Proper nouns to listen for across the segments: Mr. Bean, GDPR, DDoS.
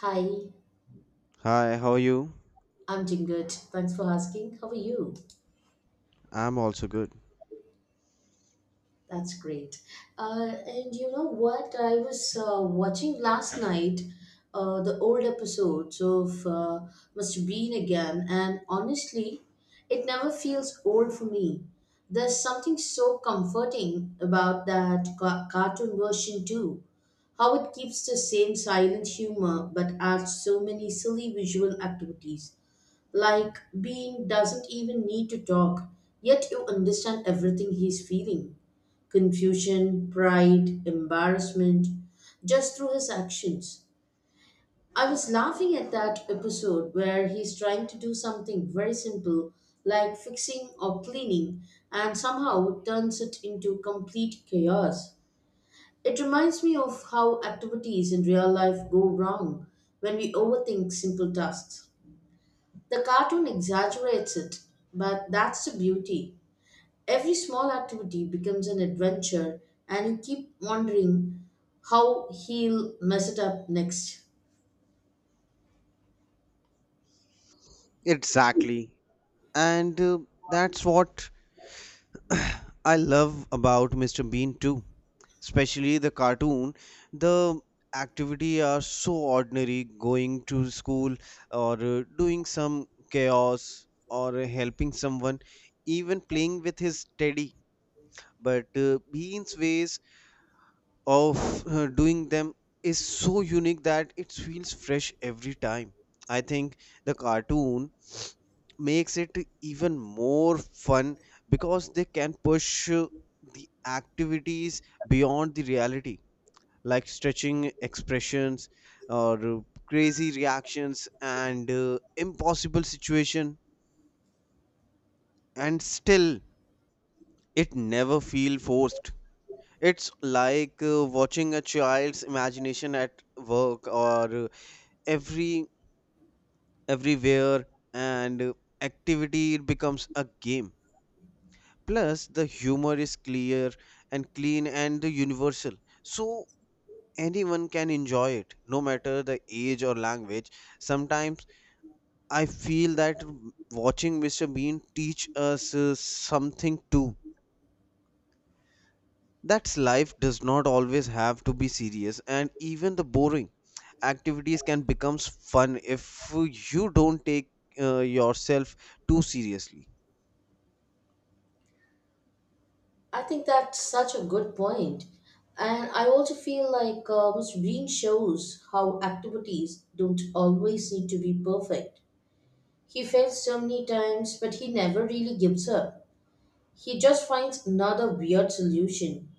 Hi, Hi, how are you? I'm doing good. Thanks for asking. How are you? I'm also good. That's great. And you know what? I was watching last night the old episodes of Must Bean again, and honestly, it never feels old for me. There's something so comforting about that cartoon version, too. How it keeps the same silent humor but adds so many silly visual activities. Like being doesn't even need to talk, yet you understand everything he's feeling, confusion, pride, embarrassment, just through his actions. I was laughing at that episode where he's trying to do something very simple, like fixing or cleaning, and somehow turns it into complete chaos. It reminds me of how activities in real life go wrong when we overthink simple tasks. The cartoon exaggerates it, but that's the beauty. Every small activity becomes an adventure, and you keep wondering how he'll mess it up next. Exactly. And that's what I love about Mr. Bean too. Especially the cartoon. The activity are so ordinary, going to school or doing some chaos or helping someone, even playing with his teddy. But Bean's ways of doing them is so unique that it feels fresh every time. I think the cartoon makes it even more fun because they can push the activities beyond the reality, like stretching expressions or crazy reactions and impossible situation, and still it never feel forced. It's like watching a child's imagination at work, or every everywhere and activity becomes a game. Plus, the humor is clear and clean and the universal, so anyone can enjoy it, no matter the age or language. Sometimes I feel that watching Mr. Bean teach us something too, that life does not always have to be serious, and even the boring activities can become fun if you don't take yourself too seriously. I think that's such a good point. And I also feel like Mr. Bean shows how activities don't always need to be perfect. He fails so many times, but he never really gives up. He just finds another weird solution.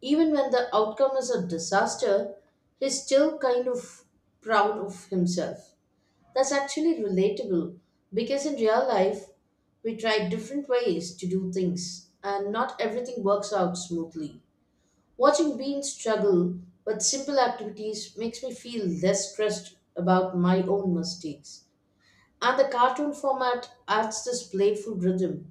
Even when the outcome is a disaster, he's still kind of proud of himself. That's actually relatable because in real life, we try different ways to do things and not everything works out smoothly. Watching Bean struggle with simple activities makes me feel less stressed about my own mistakes. And the cartoon format adds this playful rhythm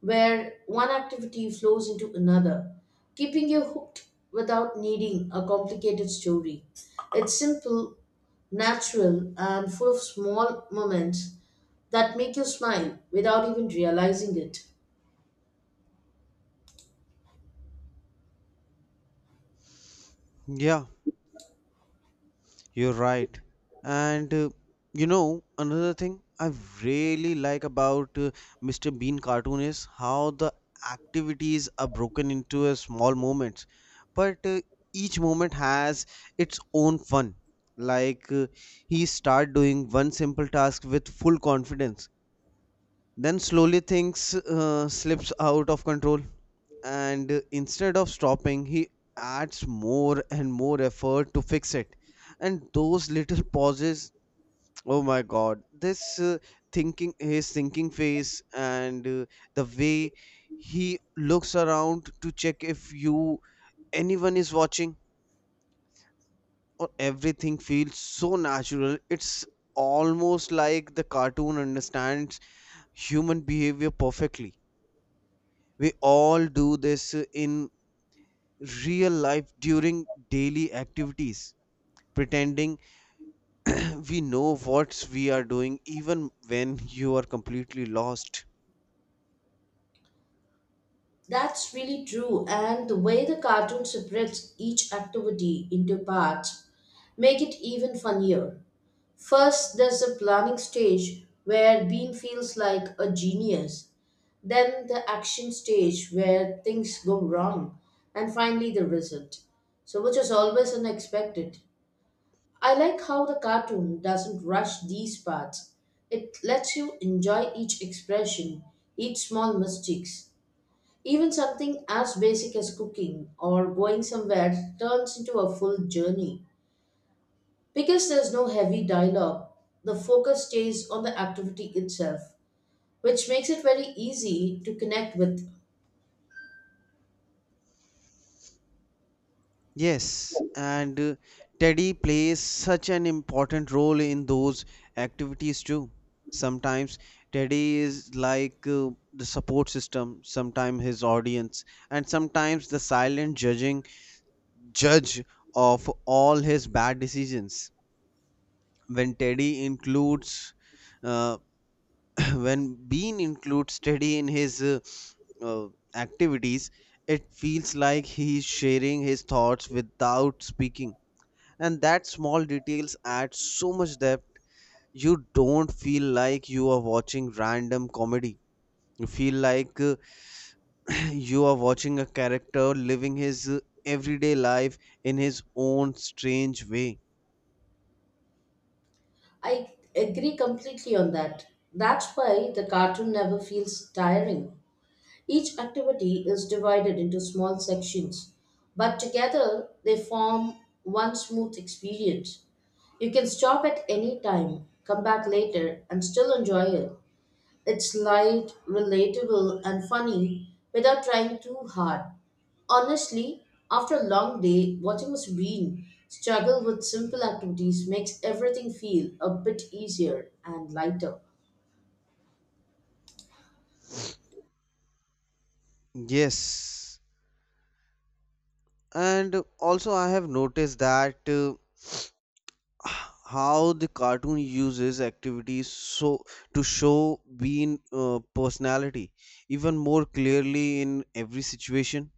where one activity flows into another, keeping you hooked without needing a complicated story. It's simple, natural, and full of small moments that make you smile without even realizing it. Yeah, you're right. And uh, another thing I really like about Mr. Bean cartoon is how the activities are broken into a small moments, but each moment has its own fun. Like uh, he start doing one simple task with full confidence, then slowly things slips out of control, and instead of stopping he adds more and more effort to fix it. And those little pauses, oh my god, this thinking his thinking face, and the way he looks around to check if you anyone is watching, or everything feels so natural. It's almost like the cartoon understands human behavior perfectly. We all do this in real life during daily activities, pretending we know what we are doing even when you are completely lost. That's really true, and the way the cartoon separates each activity into parts make it even funnier. First, there's the planning stage where Bean feels like a genius, then the action stage where things go wrong, and finally the result. So, which is always unexpected. I like how the cartoon doesn't rush these parts. It lets you enjoy each expression, each small mistakes. Even something as basic as cooking or going somewhere turns into a full journey. Because there's no heavy dialogue, the focus stays on the activity itself, which makes it very easy to connect with. Yes, and Teddy plays such an important role in those activities too. Sometimes Teddy is like the support system, sometimes his audience, and sometimes the silent judging judge of all his bad decisions. When Teddy includes uh, when Bean includes study in his uh, activities, it feels like he's sharing his thoughts without speaking. And that small details add so much depth. You don't feel like you are watching random comedy. You feel like you are watching a character living his everyday life in his own strange way. I agree completely on that. That's why the cartoon never feels tiring. Each activity is divided into small sections, but together they form one smooth experience. You can stop at any time, come back later, and still enjoy it. It's light, relatable, and funny without trying too hard. Honestly, after a long day, watching a screen struggle with simple activities makes everything feel a bit easier and lighter. Yes. And also, I have noticed that. How the cartoon uses activities so to show Bean personality even more clearly in every situation.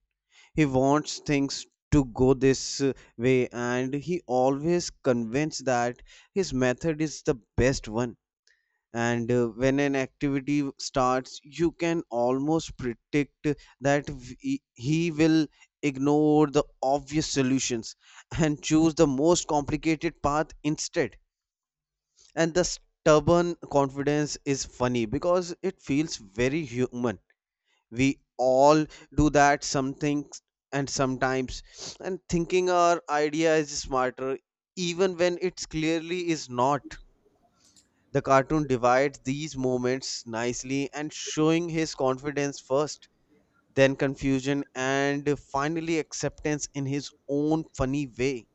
He wants things to go this way, and he always convinced that his method is the best one. And when an activity starts, you can almost predict that he will ignore the obvious solutions and choose the most complicated path instead. And the stubborn confidence is funny because it feels very human. We all do that something, and sometimes and thinking our idea is smarter even when it clearly is not. The cartoon divides these moments nicely and showing his confidence first, then confusion, and finally acceptance in his own funny way.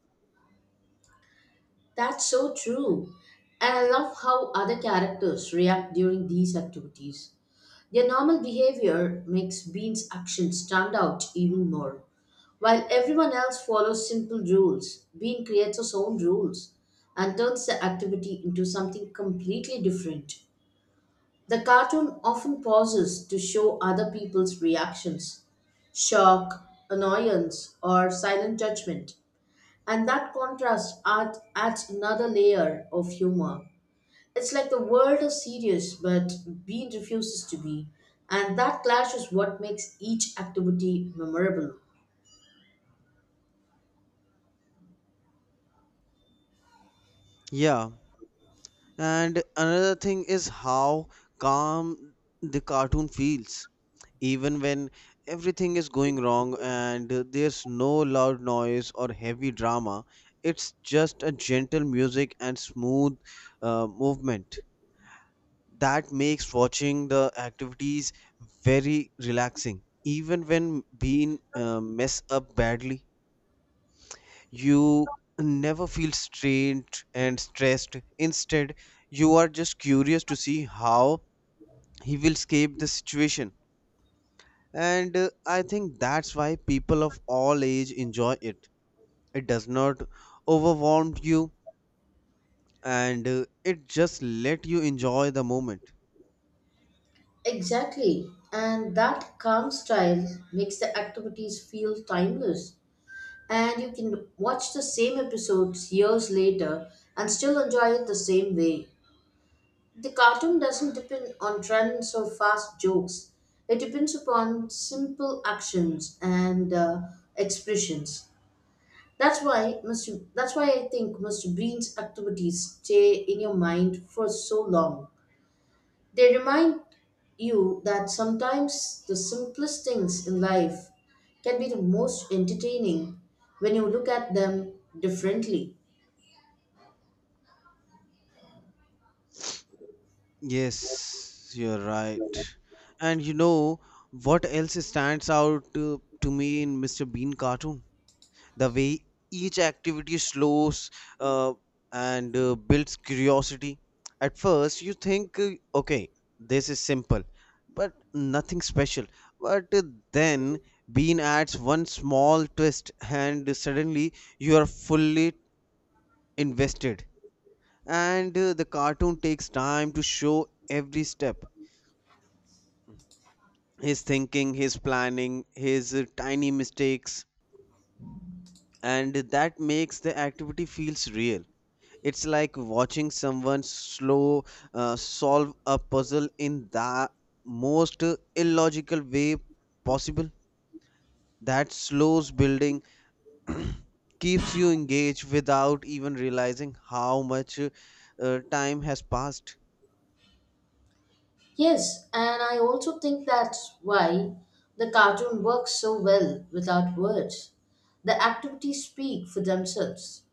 That's so true. And I love how other characters react during these activities. Their normal behavior makes Bean's actions stand out even more. While everyone else follows simple rules, Bean creates his own rules and turns the activity into something completely different. The cartoon often pauses to show other people's reactions, shock, annoyance, or silent judgment. And that adds another layer of humor. It's like the world is serious, but Bean refuses to be. And that clash is what makes each activity memorable. Yeah, and another thing is how calm the cartoon feels, even when everything is going wrong, and there's no loud noise or heavy drama. It's just a gentle music and smooth movement that makes watching the activities very relaxing. Even when being mess up badly, you never feel strained and stressed. Instead, you are just curious to see how he will escape the situation, and I think that's why people of all age enjoy it. It does not overwhelm you, and it just let you enjoy the moment. Exactly. And that calm style makes the activities feel timeless. And you can watch the same episodes years later and still enjoy it the same way. The cartoon doesn't depend on trends or fast jokes, it depends upon simple actions and expressions. That's why I think Mr. Bean's activities stay in your mind for so long. They remind you that sometimes the simplest things in life can be the most entertaining when you look at them differently. Yes, you're right. And you know what else stands out to me in Mr. Bean cartoon? The way each activity slows uh, and builds curiosity. At first, you think, okay, this is simple, but nothing special. But then, Bean adds one small twist, and suddenly you are fully invested. And the cartoon takes time to show every step, his thinking, his planning, his tiny mistakes, and that makes the activity feels real. It's like watching someone slow solve a puzzle in the most illogical way possible. That slows building keeps you engaged without even realizing how much time has passed. Yes, and I also think that's why the cartoon works so well without words. The activities speak for themselves.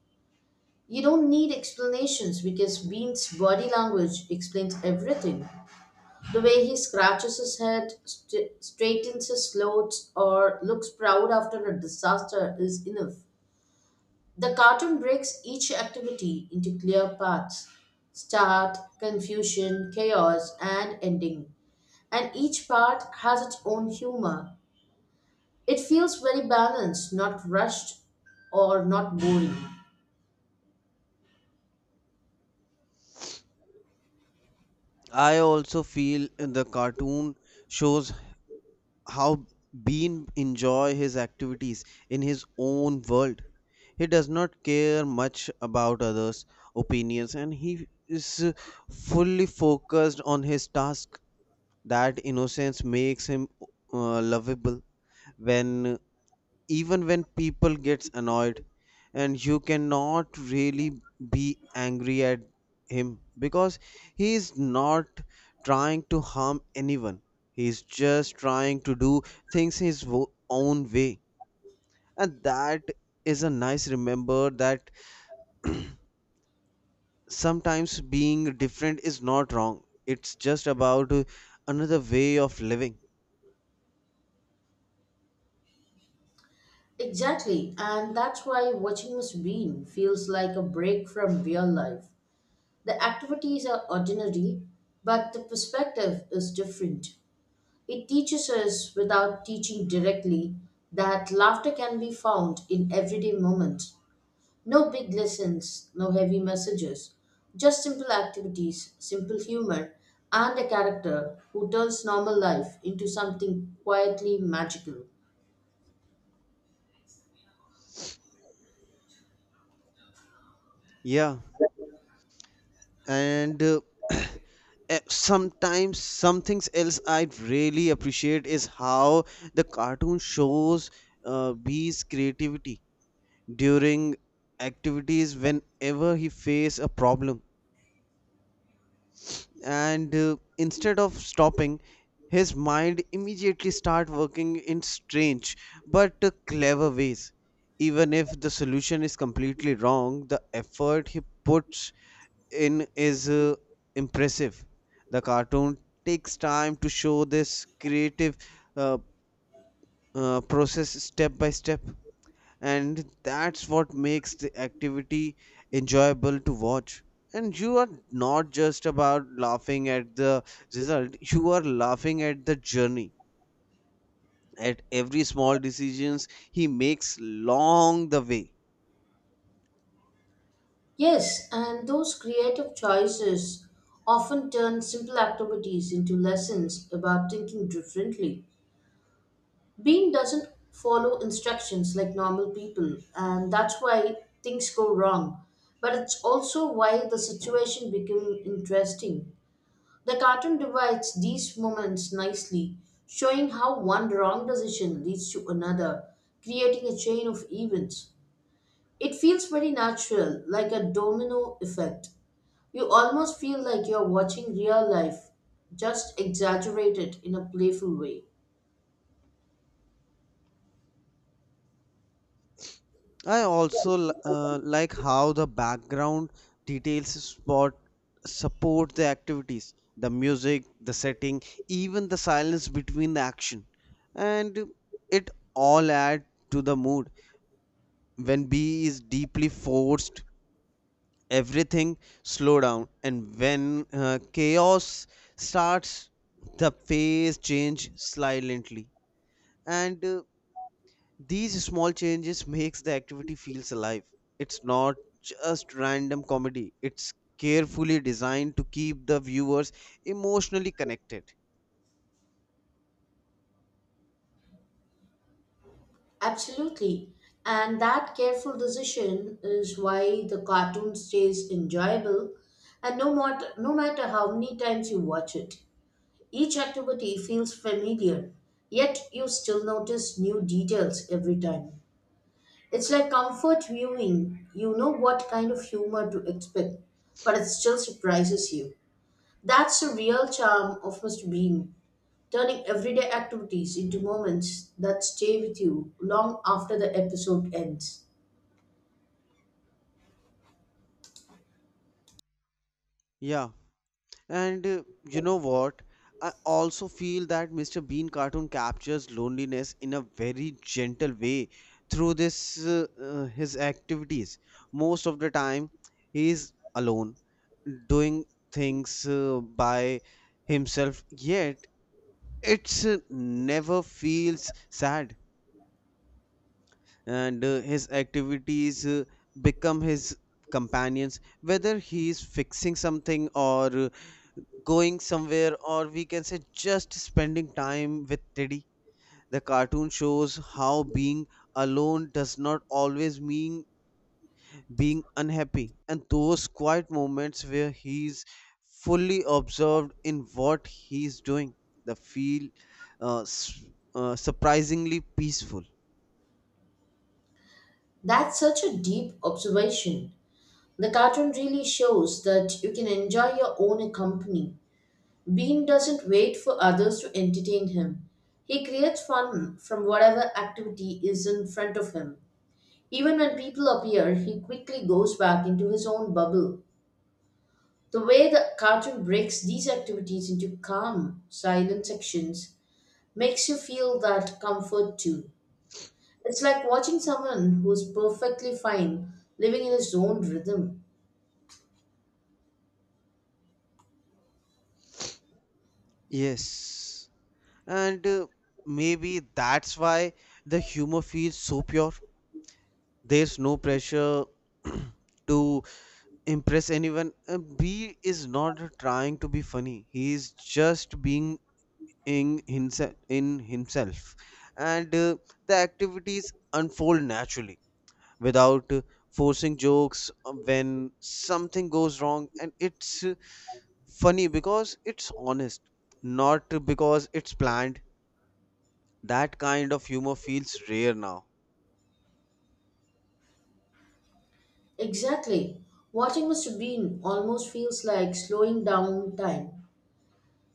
You don't need explanations because Bean's body language explains everything. The way he scratches his head, straightens his clothes, or looks proud after a disaster is enough. The cartoon breaks each activity into clear paths, start, confusion, chaos, and ending. And each part has its own humor. It feels very balanced, not rushed or not boring. I also feel the cartoon shows how Bean enjoy his activities in his own world. He does not care much about others' opinions, and he is fully focused on his task. That innocence makes him lovable. When even when people gets annoyed, and you cannot really be angry at him, because he is not trying to harm anyone, he is just trying to do things his own way. And that is a nice remember that sometimes being different is not wrong, it's just about another way of living. Exactly, and that's why watching Miss Bean feels like a break from real life. The activities are ordinary, but the perspective is different. It teaches us without teaching directly that laughter can be found in everyday moments. No big lessons, no heavy messages, just simple activities, simple humor, and a character who turns normal life into something quietly magical. Yeah, and sometimes some things else I really appreciate is how the cartoon shows B's creativity during activities. Whenever he face a problem, and instead of stopping, his mind immediately start working in strange but clever ways. Even if the solution is completely wrong, the effort he puts in is impressive. The cartoon takes time to show this creative uh, process step by step, and that's what makes the activity enjoyable to watch. And you are not just about laughing at the result, you are laughing at the journey, at every small decisions he makes long the way. Yes, and those creative choices often turn simple activities into lessons about thinking differently. Bean doesn't follow instructions like normal people, and that's why things go wrong. But it's also why the situation became interesting. The cartoon divides these moments nicely, showing how one wrong decision leads to another, creating a chain of events. It feels very natural, like a domino effect. You almost feel like you're watching real life, just exaggerated in a playful way. I also like how the background details spot support the activities, the music, the setting, even the silence between the action, and it all add to the mood. When B is deeply forced, everything slow down, and when chaos starts, the pace change silently, and these small changes makes the activity feels alive. It's not just random comedy. It's carefully designed to keep the viewers emotionally connected. Absolutely. And that careful decision is why the cartoon stays enjoyable and no matter how many times you watch it. Each activity feels familiar, yet you still notice new details every time. It's like comfort viewing. You know what kind of humor to expect, but it still surprises you. That's the real charm of Mr. Bean turning everyday activities into moments that stay with you long after the episode ends. Yeah, and you know what? I also feel that Mr. Bean cartoon captures loneliness in a very gentle way through this his activities. Most of the time, he is alone, doing things by himself. Yet it's never feels sad, and his activities become his companions, whether he is fixing something or going somewhere, or we can say just spending time with teddy. The cartoon shows how being alone does not always mean being unhappy, and those quiet moments where he's fully absorbed in what he's doing the feel uh, s- surprisingly peaceful. That's such a deep observation. The cartoon really shows that you can enjoy your own company. Bean doesn't wait for others to entertain him. He creates fun from whatever activity is in front of him. Even when people appear, he quickly goes back into his own bubble. The way the cartoon breaks these activities into calm, silent sections makes you feel that comfort too. It's like watching someone who's perfectly fine living in his own rhythm. Yes, and maybe that's why the humor feels so pure. There's no pressure to impress anyone. B is not trying to be funny, he is just being in himself, and the activities unfold naturally without forcing jokes. When something goes wrong, and it's funny because it's honest, not because it's planned. That kind of humor feels rare now. Exactly. Watching Mr. Bean almost feels like slowing down time.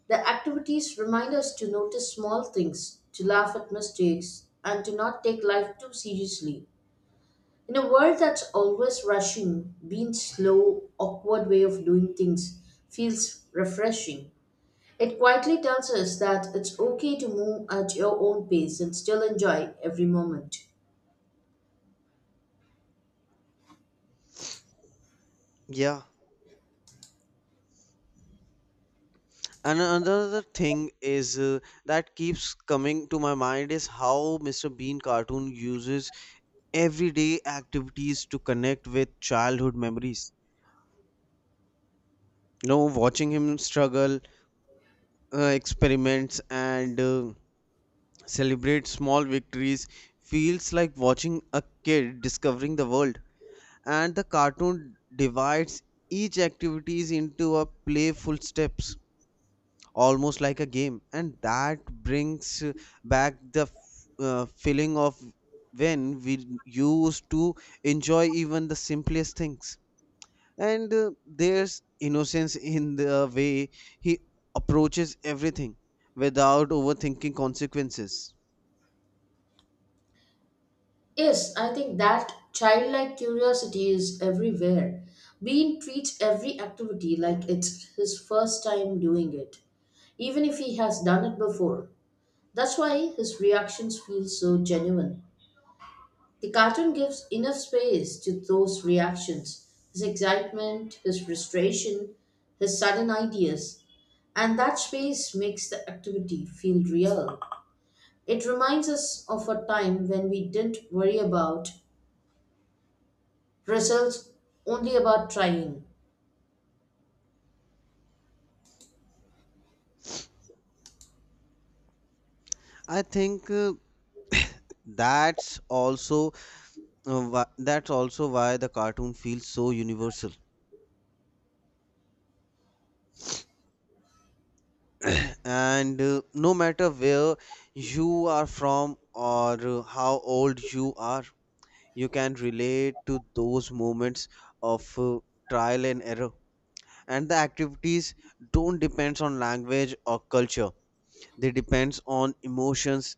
The activities remind us to notice small things, to laugh at mistakes, and to not take life too seriously. In a world that's always rushing, Bean's slow, awkward way of doing things feels refreshing. It quietly tells us that it's okay to move at your own pace and still enjoy every moment. Yeah, and another thing is that keeps coming to my mind is how Mr. Bean cartoon uses everyday activities to connect with childhood memories. No, watching him struggle, experiments, and celebrate small victories feels like watching a kid discovering the world. And the cartoon divides each activities into a playful steps, almost like a game, and that brings back the feeling of when we used to enjoy even the simplest things. And there's innocence in the way he approaches everything without overthinking consequences. Yes, I think that childlike curiosity is everywhere. Bean treats every activity like it's his first time doing it, even if he has done it before. That's why his reactions feel so genuine. The cartoon gives enough space to those reactions, his excitement, his frustration, his sudden ideas. And that space makes the activity feel real. It reminds us of a time when we didn't worry about results, only about trying. I think that's also that's also why the cartoon feels so universal, and no matter where you are from, or how old you are, you can relate to those moments of trial and error. And the activities don't depend on language or culture, they depends on emotions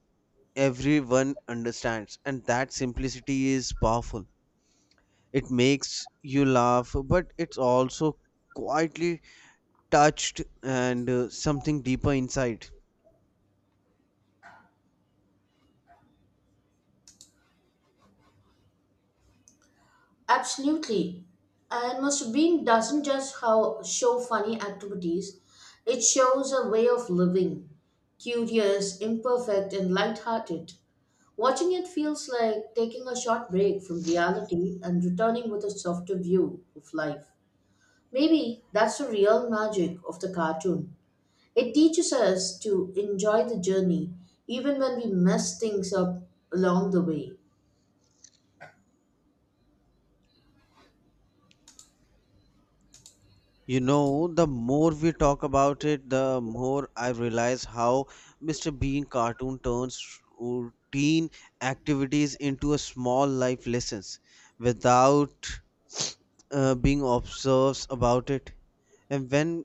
everyone understands, and that simplicity is powerful. It makes you laugh, but it's also quietly touched and something deeper inside. Absolutely. And Mr. Bean doesn't just how show funny activities, it shows a way of living, curious, imperfect, and lighthearted. Watching it feels like taking a short break from reality and returning with a softer view of life. Maybe that's the real magic of the cartoon. It teaches us to enjoy the journey even when we mess things up along the way. You know, the more we talk about it, the more I realize how Mr. Bean cartoon turns routine activities into a small life lessons without being observed about it. And when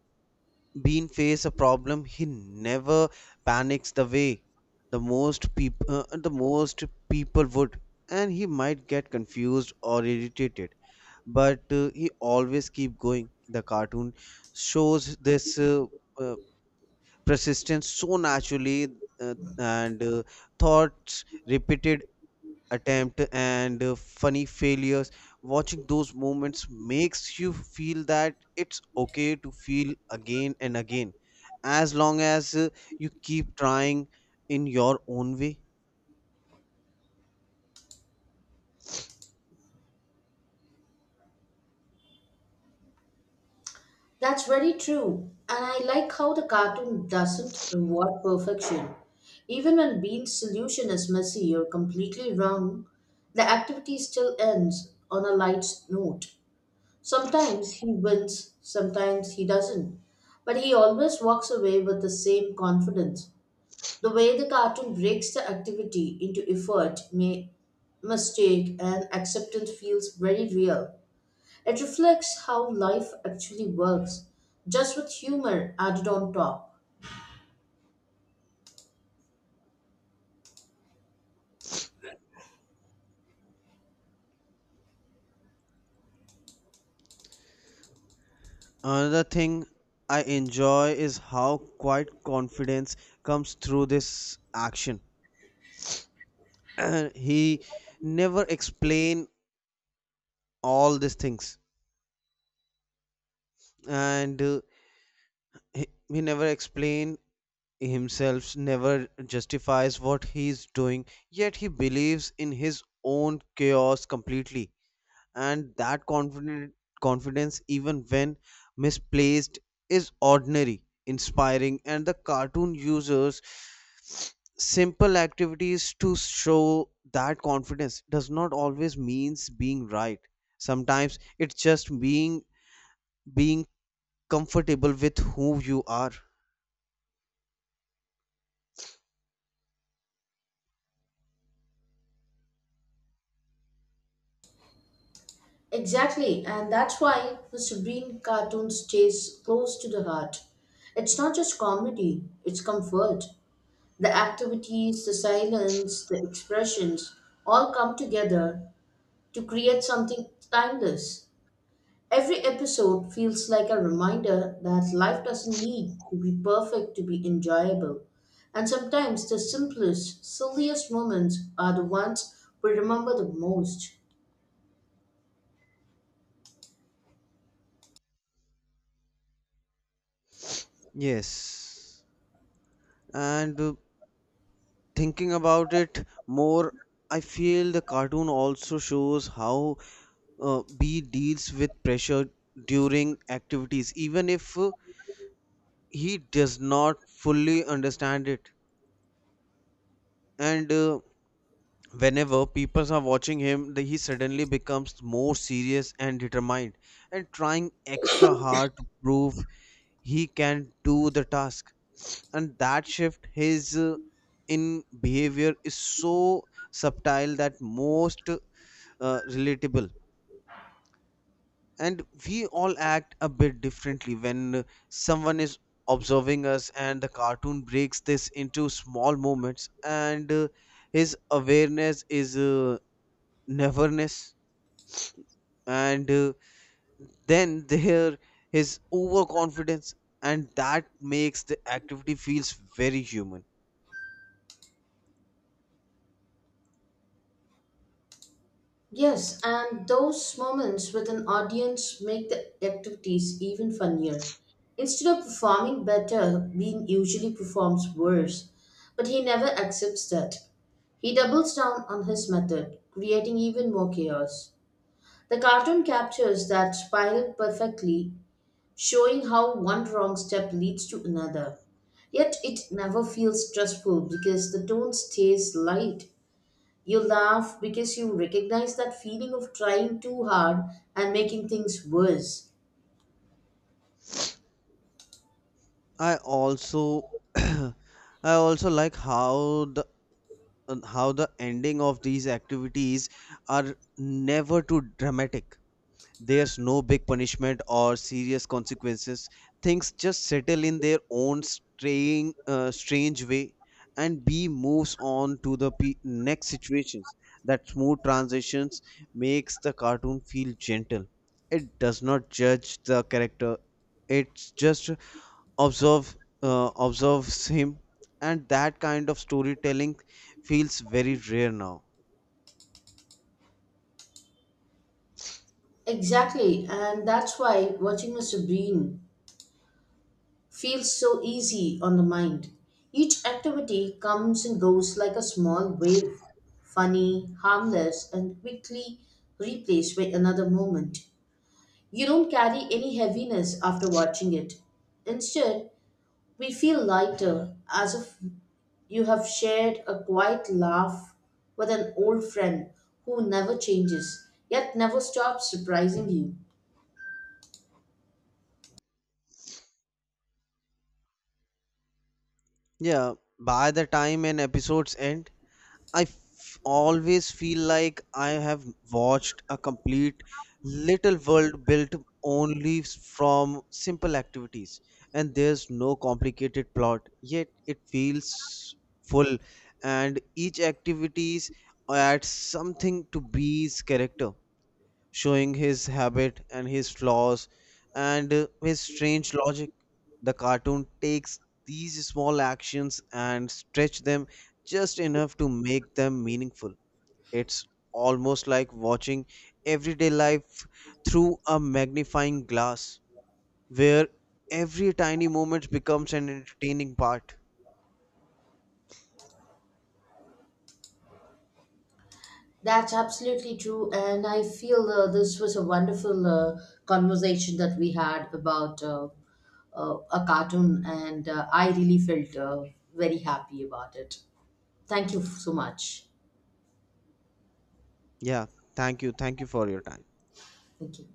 Bean face a problem, he never panics the way the most people would, and he might get confused or irritated, but he always keep going. The cartoon shows this uh, persistence so naturally, and thoughts repeated attempt, and funny failures. Watching those moments makes you feel that it's okay to feel again and again, as long as you keep trying in your own way. That's very true, and I like how the cartoon doesn't reward perfection. Even when Bean's solution is messy or completely wrong, the activity still ends on a light note. Sometimes he wins, sometimes he doesn't. But he always walks away with the same confidence. The way the cartoon breaks the activity into effort, mistake, and acceptance feels very real. It reflects how life actually works, just with humor added on top. Another thing I enjoy is how quiet confidence comes through this action. He never explain all these things and he, he never explain himself, never justifies what he is doing, yet he believes in his own chaos completely. And that confidence, even when misplaced, is ordinary, inspiring, and the cartoon uses simple activities to show that confidence does not always means being right. Sometimes it's just being comfortable with who you are. Exactly, and that's why the Sabrine cartoon stays close to the heart. It's not just comedy, it's comfort. The activities, the silence, the expressions all come together to create something timeless. Every episode feels like a reminder that life doesn't need to be perfect to be enjoyable. And sometimes the simplest, silliest moments are the ones we remember the most. Yes. And thinking about it more, I feel the cartoon also shows how B deals with pressure during activities, even if he does not fully understand it. And whenever people are watching him, he suddenly becomes more serious and determined, and trying extra hard to prove he can do the task. And that shift, his in behavior, is so subtle that most relatable. And we all act a bit differently when someone is observing us, and the cartoon breaks this into small moments, and his awareness is neverness, and then there his overconfidence, and that makes the activity feels very human. Yes, and those moments with an audience make the activities even funnier. Instead of performing better, Bean usually performs worse, but he never accepts that. He doubles down on his method, creating even more chaos. The cartoon captures that spiral perfectly, showing how one wrong step leads to another. Yet it never feels stressful because the tone stays light, you laugh because you recognize that feeling of trying too hard and making things worse. I also I also like how on how the ending of these activities are never too dramatic. There's no big punishment or serious consequences. Things just settle in their own strange way, and B moves on to the next situations. That smooth transitions makes the cartoon feel gentle. It does not judge the character. It just observe observes him, and that kind of storytelling feels very rare now. Exactly, and that's why watching Mr. Bean feels so easy on the mind. Each activity comes and goes like a small wave, funny, harmless, and quickly replaced by another moment. You don't carry any heaviness after watching it. Instead, we feel lighter, as if you have shared a quiet laugh with an old friend who never changes, yet never stops surprising you. Yeah, by the time an episode's end, I always feel like I have watched a complete little world built only from simple activities. And there's no complicated plot, yet it feels full, and each activities adds something to B's character, showing his habit and his flaws, and his strange logic. The cartoon takes these small actions and stretch them just enough to make them meaningful. It's almost like watching everyday life through a magnifying glass, where every tiny moment becomes an entertaining part. That's absolutely true, and I feel this was a wonderful conversation that we had about a cartoon, and I really felt very happy about it. Thank you so much. Yeah, thank you. Thank you for your time. Thank you.